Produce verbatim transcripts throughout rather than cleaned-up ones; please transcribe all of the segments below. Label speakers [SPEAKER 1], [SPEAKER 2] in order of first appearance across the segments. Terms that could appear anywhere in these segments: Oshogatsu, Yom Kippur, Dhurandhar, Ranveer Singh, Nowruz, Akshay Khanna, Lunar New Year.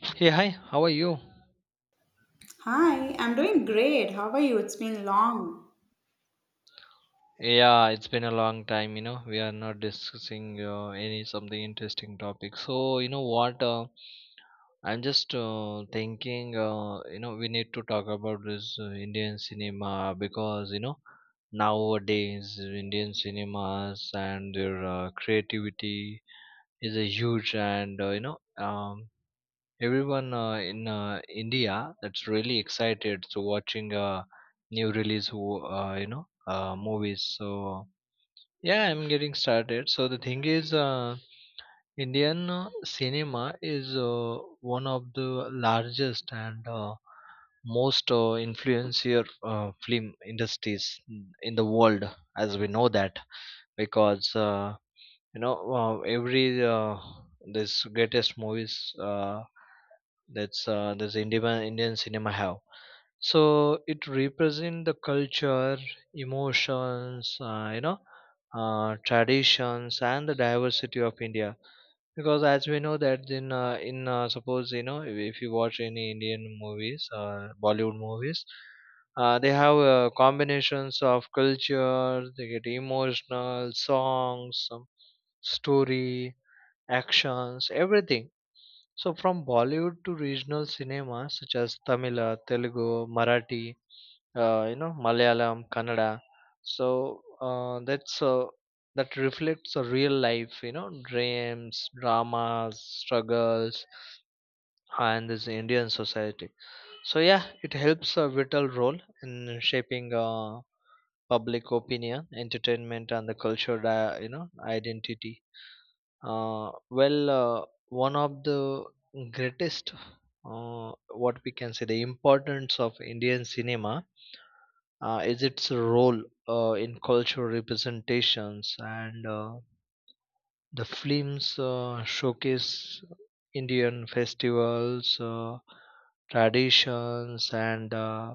[SPEAKER 1] Hey, hi, how are you?
[SPEAKER 2] Hi, I'm doing great. How are you? It's been long.
[SPEAKER 1] Yeah, it's been a long time, you know. We are not discussing uh, any something interesting topic. So, you know what? Uh, I'm just uh, thinking, uh, you know, we need to talk about this uh, Indian cinema because, you know, nowadays Indian cinemas and their uh, creativity is a huge and, uh, you know, um, everyone uh, in uh, India that's really excited to watching uh, new release wo- uh, you know uh, movies. So yeah, I'm getting started. So the thing is, uh, Indian uh, cinema is uh, one of the largest and uh, most uh, influential uh, film industries in the world, as we know that because. Uh, you know uh, every uh, this greatest movies uh, that's uh, this Indian Indian cinema have. So it represent the culture, emotions, uh, you know, uh, traditions, and the diversity of India because as we know that in uh, in uh, suppose you know if if you watch any Indian movies uh, Bollywood movies, uh, they have uh, combinations of culture, they get emotional songs, some story, actions, everything. So from Bollywood to regional cinemas such as Tamil, uh, Telugu, Marathi, uh, you know, Malayalam, Kannada. So uh, that's uh, that reflects a real life, you know, dreams, dramas, struggles, and this Indian society. So yeah, it helps a vital role in shaping uh, public opinion, entertainment, and the cultural, uh, you know, identity. Uh, well, uh, one of the greatest, uh, what we can say, the importance of Indian cinema uh, is its role uh, in cultural representations, and uh, the films uh, showcase Indian festivals, uh, traditions, and uh,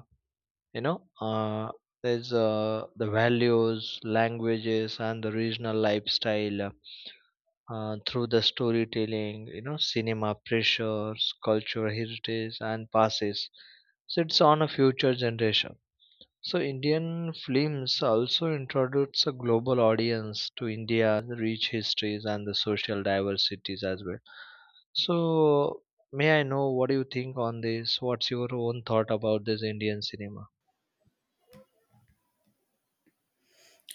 [SPEAKER 1] you know, uh, there's uh, the values, languages, and the regional lifestyle uh, through the storytelling. You know, cinema pressures, cultural heritage, and passes. So it's on a future generation. So Indian films also introduce a global audience to India's rich histories and the social diversities as well. So, may I know what do you think on this? What's your own thought about this Indian cinema?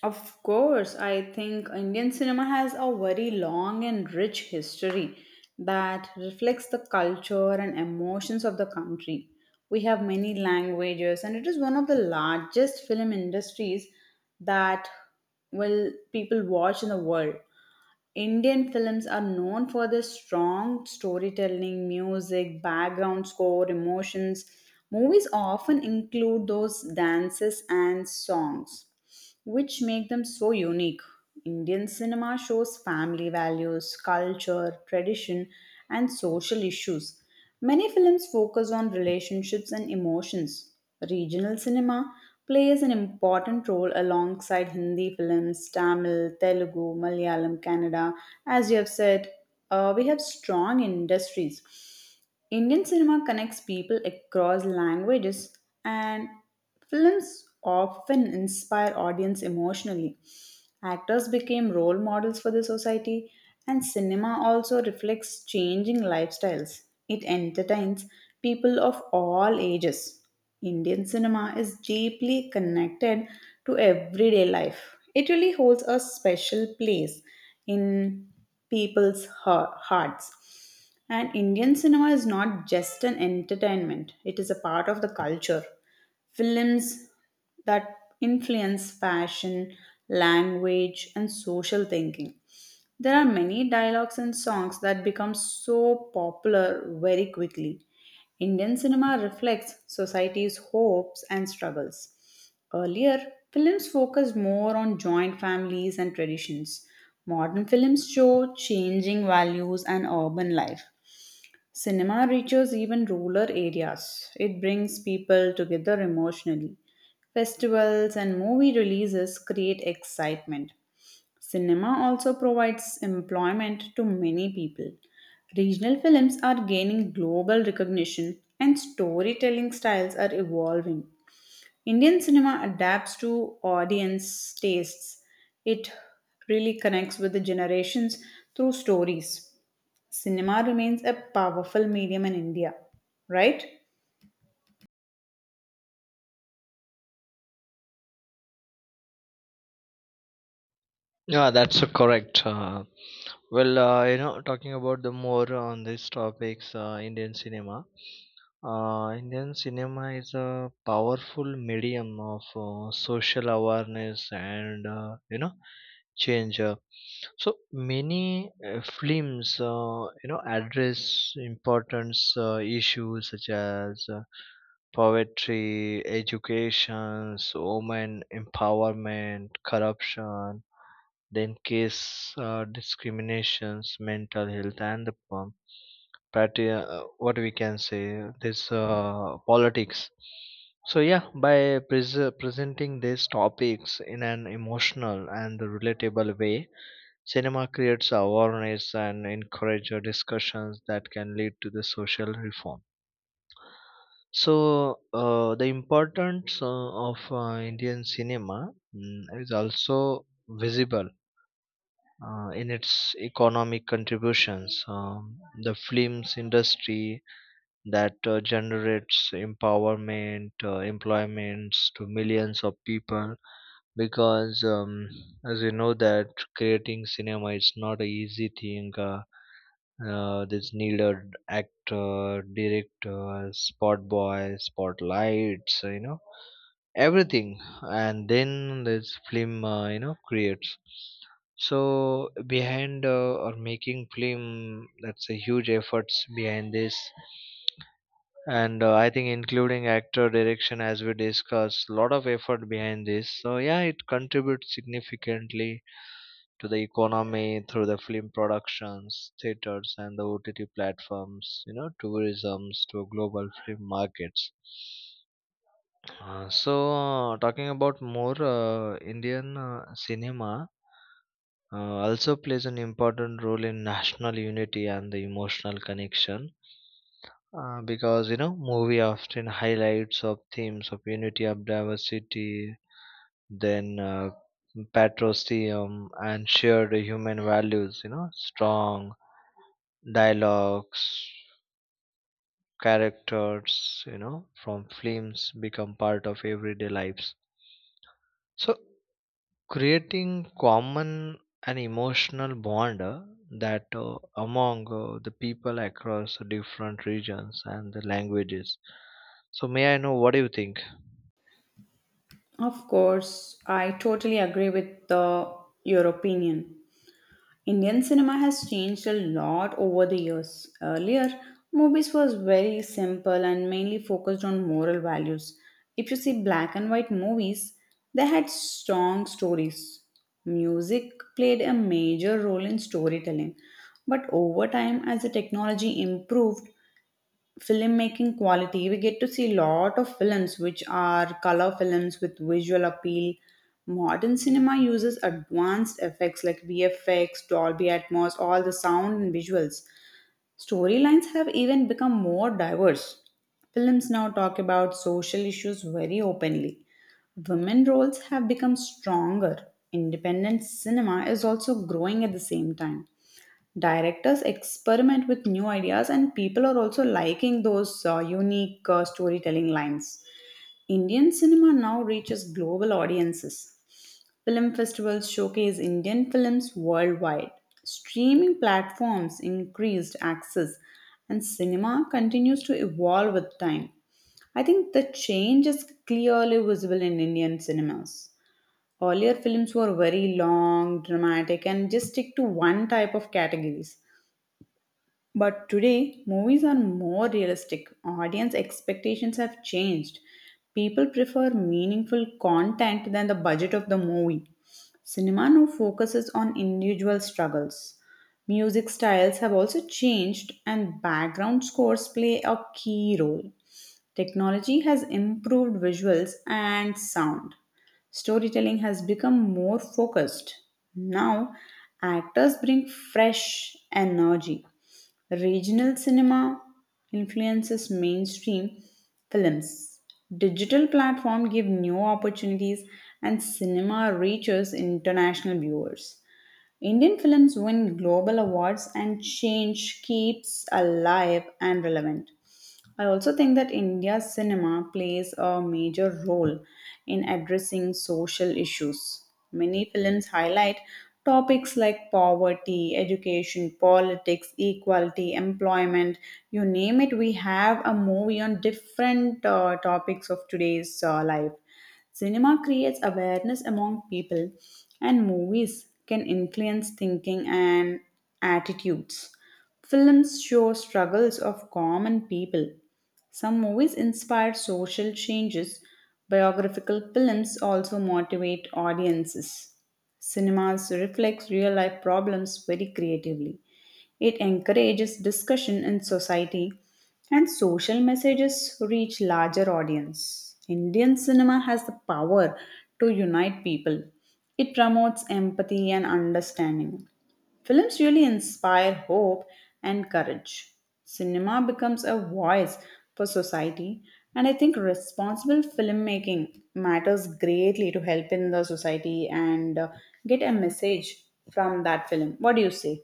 [SPEAKER 2] Of course, I think Indian cinema has a very long and rich history that reflects the culture and emotions of the country. We have many languages, and it is one of the largest film industries that will people watch in the world. Indian films are known for their strong storytelling, music, background score, emotions. Movies often include those dances and songs which make them so unique. Indian cinema shows family values, culture, tradition, and social issues. Many films focus on relationships and emotions. Regional cinema plays an important role alongside Hindi films, Tamil, Telugu, Malayalam, Kannada. As you have said, uh, we have strong industries. Indian cinema connects people across languages, and films often inspire audience emotionally. Actors became role models for the society, and cinema also reflects changing lifestyles. It entertains people of all ages. Indian cinema is deeply connected to everyday life. It really holds a special place in people's hea- hearts. And Indian cinema is not just an entertainment, it is a part of the culture. Films that influence fashion, language, and social thinking. There are many dialogues and songs that become so popular very quickly. Indian cinema reflects society's hopes and struggles. Earlier, films focused more on joint families and traditions. Modern films show changing values and urban life. Cinema reaches even rural areas. It brings people together emotionally. Festivals and movie releases create excitement. Cinema also provides employment to many people. Regional films are gaining global recognition and storytelling styles are evolving. Indian cinema adapts to audience tastes. It really connects with the generations through stories. Cinema remains a powerful medium in India, right?
[SPEAKER 1] Yeah, that's a correct. Uh, Well, uh, you know, talking about the more on these topics, uh, Indian cinema. Uh, Indian cinema is a powerful medium of uh, social awareness and, uh, you know, change. Uh, so many uh, films, uh, you know, address important uh, issues such as uh, poverty, education, women empowerment, corruption, then case, uh, discriminations, mental health, and the um, party, uh, what we can say, this uh, politics. So yeah, by pres- presenting these topics in an emotional and relatable way, cinema creates awareness and encourages discussions that can lead to the social reform. So uh, the importance uh, of uh, Indian cinema, mm, is also visible uh, in its economic contributions. Um, the films industry that uh, generates empowerment, uh, employments to millions of people. Because, um, as you know that creating cinema is not an easy thing. Uh, uh, this needed actor, director, spot boy, spotlights, you know, everything, and then this film uh, you know creates, so behind uh, or making film, that's a huge efforts behind this. And uh, I think including actor direction, as we discussed, lot of effort behind this. So yeah, it contributes significantly to the economy through the film productions, theaters, and the O T T platforms, you know, tourisms to global film markets. Uh, so, uh, talking about more, uh, Indian uh, cinema uh, also plays an important role in national unity and the emotional connection, uh, because you know movie often highlights of themes of unity of diversity, then uh, patriotism and shared human values. You know, strong dialogues, characters. You know, from films become part of everyday lives. So, creating common and emotional bond, uh, that uh, among uh, the people across different regions and the languages. So may I know what do you think?
[SPEAKER 2] Of course, I totally agree with the, your opinion. Indian cinema has changed a lot over the years. Earlier, movies was very simple and mainly focused on moral values. If you see black and white movies, they had strong stories. Music played a major role in storytelling. But over time, as the technology improved, filmmaking quality, we get to see a lot of films which are color films with visual appeal. Modern cinema uses advanced effects like VFX, Dolby Atmos, all the sound and visuals. Storylines have even become more diverse. Films now talk about social issues very openly. Women roles have become stronger. Independent cinema is also growing at the same time. Directors experiment with new ideas, and people are also liking those uh, unique uh, storytelling lines. Indian cinema now reaches global audiences. Film festivals showcase Indian films worldwide. Streaming platforms increased access, and cinema continues to evolve with time. I think the change is clearly visible in Indian cinemas. Earlier films were very long, dramatic, and just stick to one type of categories. But today, movies are more realistic. Audience expectations have changed. People prefer meaningful content than the budget of the movie. Cinema now focuses on individual struggles. Music styles have also changed, and background scores play a key role. Technology has improved visuals and sound. Storytelling has become more focused. Now, actors bring fresh energy. Regional cinema influences mainstream films. Digital platforms give new opportunities and cinema reaches international viewers. Indian films win global awards and change keeps alive and relevant. I also think that India's cinema plays a major role in addressing social issues. Many films highlight topics like poverty, education, politics, equality, employment. You name it, we have a movie on different uh, topics of today's uh, life. Cinema creates awareness among people, and movies can influence thinking and attitudes. Films show struggles of common people. Some movies inspire social changes. Biographical films also motivate audiences. Cinemas reflects real life problems very creatively. It encourages discussion in society and social messages reach larger audience. Indian cinema has the power to unite people. It promotes empathy and understanding. Films really inspire hope and courage. Cinema becomes a voice for society, and I think responsible filmmaking matters greatly to help in the society and uh, get a message from that film. What do you say?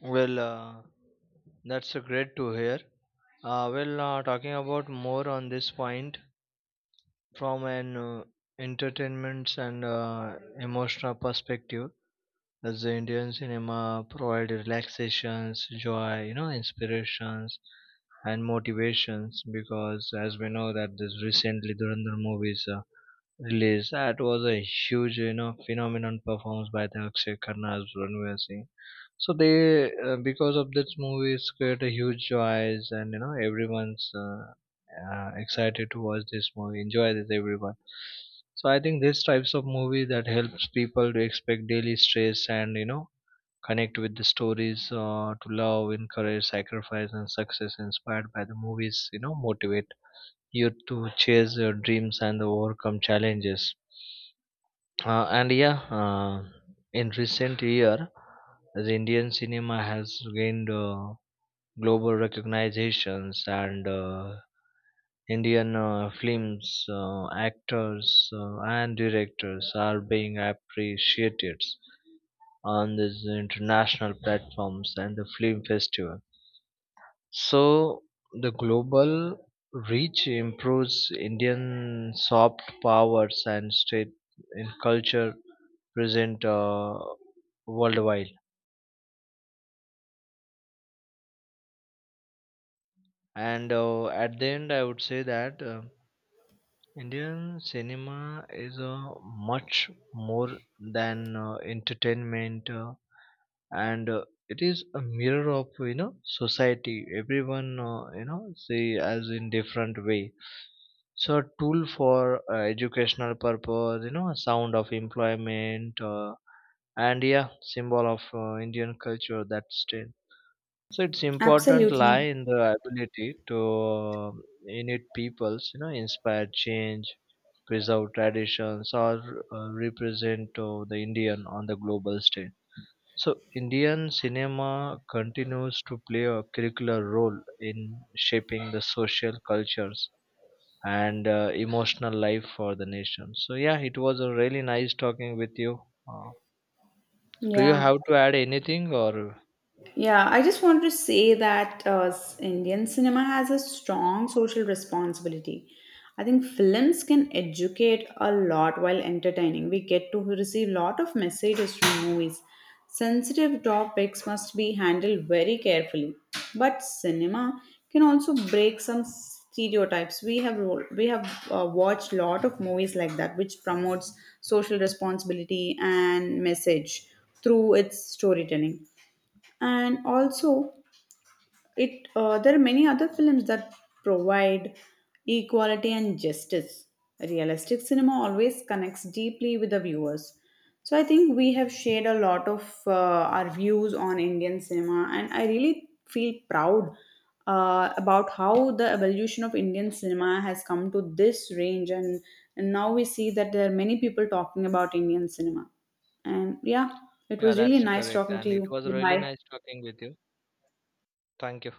[SPEAKER 1] Well uh, that's uh, great to hear. Uh, well uh, talking about more on this point, from an uh, entertainment and uh, emotional perspective, as the Indian cinema provided relaxations, joy, you know, inspirations and motivations. Because as we know that this recently Dhurandhar movies uh, released, that was a huge, you know, phenomenon performed by the Akshay Khanna as Ranveer Singh. So they uh, because of this movie it's create a huge joys and you know everyone's uh, uh, excited to watch this movie, enjoy this, everyone. So I think these types of movie that helps people to expect daily stress, and you know, connect with the stories uh, to love, encourage, sacrifice, and success inspired by the movies. You know, motivate you to chase your dreams and overcome challenges. Uh, and yeah, uh, in recent year, the Indian cinema has gained uh, global recognitions, and uh, Indian uh, films, uh, actors, uh, and directors are being appreciated on these international platforms and the film festival. So the global reach improves Indian soft powers and state in culture present uh, worldwide. And uh, at the end, I would say that uh, Indian cinema is uh, much more than uh, entertainment. Uh, and uh, it is a mirror of, you know, society, everyone uh, you know see as in different way. So a tool for uh, educational purpose, you know, a sound of employment, uh, and yeah, symbol of uh, Indian culture that still. So its important lie
[SPEAKER 2] Absolutely.
[SPEAKER 1] in the ability to, uh, in peoples, you know, inspire change, preserve traditions, or uh, represent uh, the Indian on the global stage. So, Indian cinema continues to play a curricular role in shaping the social cultures and uh, emotional life for the nation. So, yeah, it was a really nice talking with you. Uh, do you
[SPEAKER 2] Yeah.
[SPEAKER 1] have to add anything or?
[SPEAKER 2] Yeah, I just want to say that uh, s- Indian cinema has a strong social responsibility. I think films can educate a lot while entertaining. We get to receive lot of messages from movies. Sensitive topics must be handled very carefully. But cinema can also break some stereotypes. We have ro- we have uh, watched lot of movies like that, which promotes social responsibility and message through its storytelling, and also it uh, there are many other films that provide equality and justice. Realistic cinema always connects deeply with the viewers. So I think we have shared a lot of uh, our views on Indian cinema, and I really feel proud uh, about how the evolution of Indian cinema has come to this range, and, and now we see that there are many people talking about Indian cinema. And yeah, it
[SPEAKER 1] Yeah,
[SPEAKER 2] was really
[SPEAKER 1] that's
[SPEAKER 2] nice
[SPEAKER 1] correct.
[SPEAKER 2] talking to
[SPEAKER 1] And it
[SPEAKER 2] you.
[SPEAKER 1] was really
[SPEAKER 2] Bye.
[SPEAKER 1] nice talking with you. Thank you.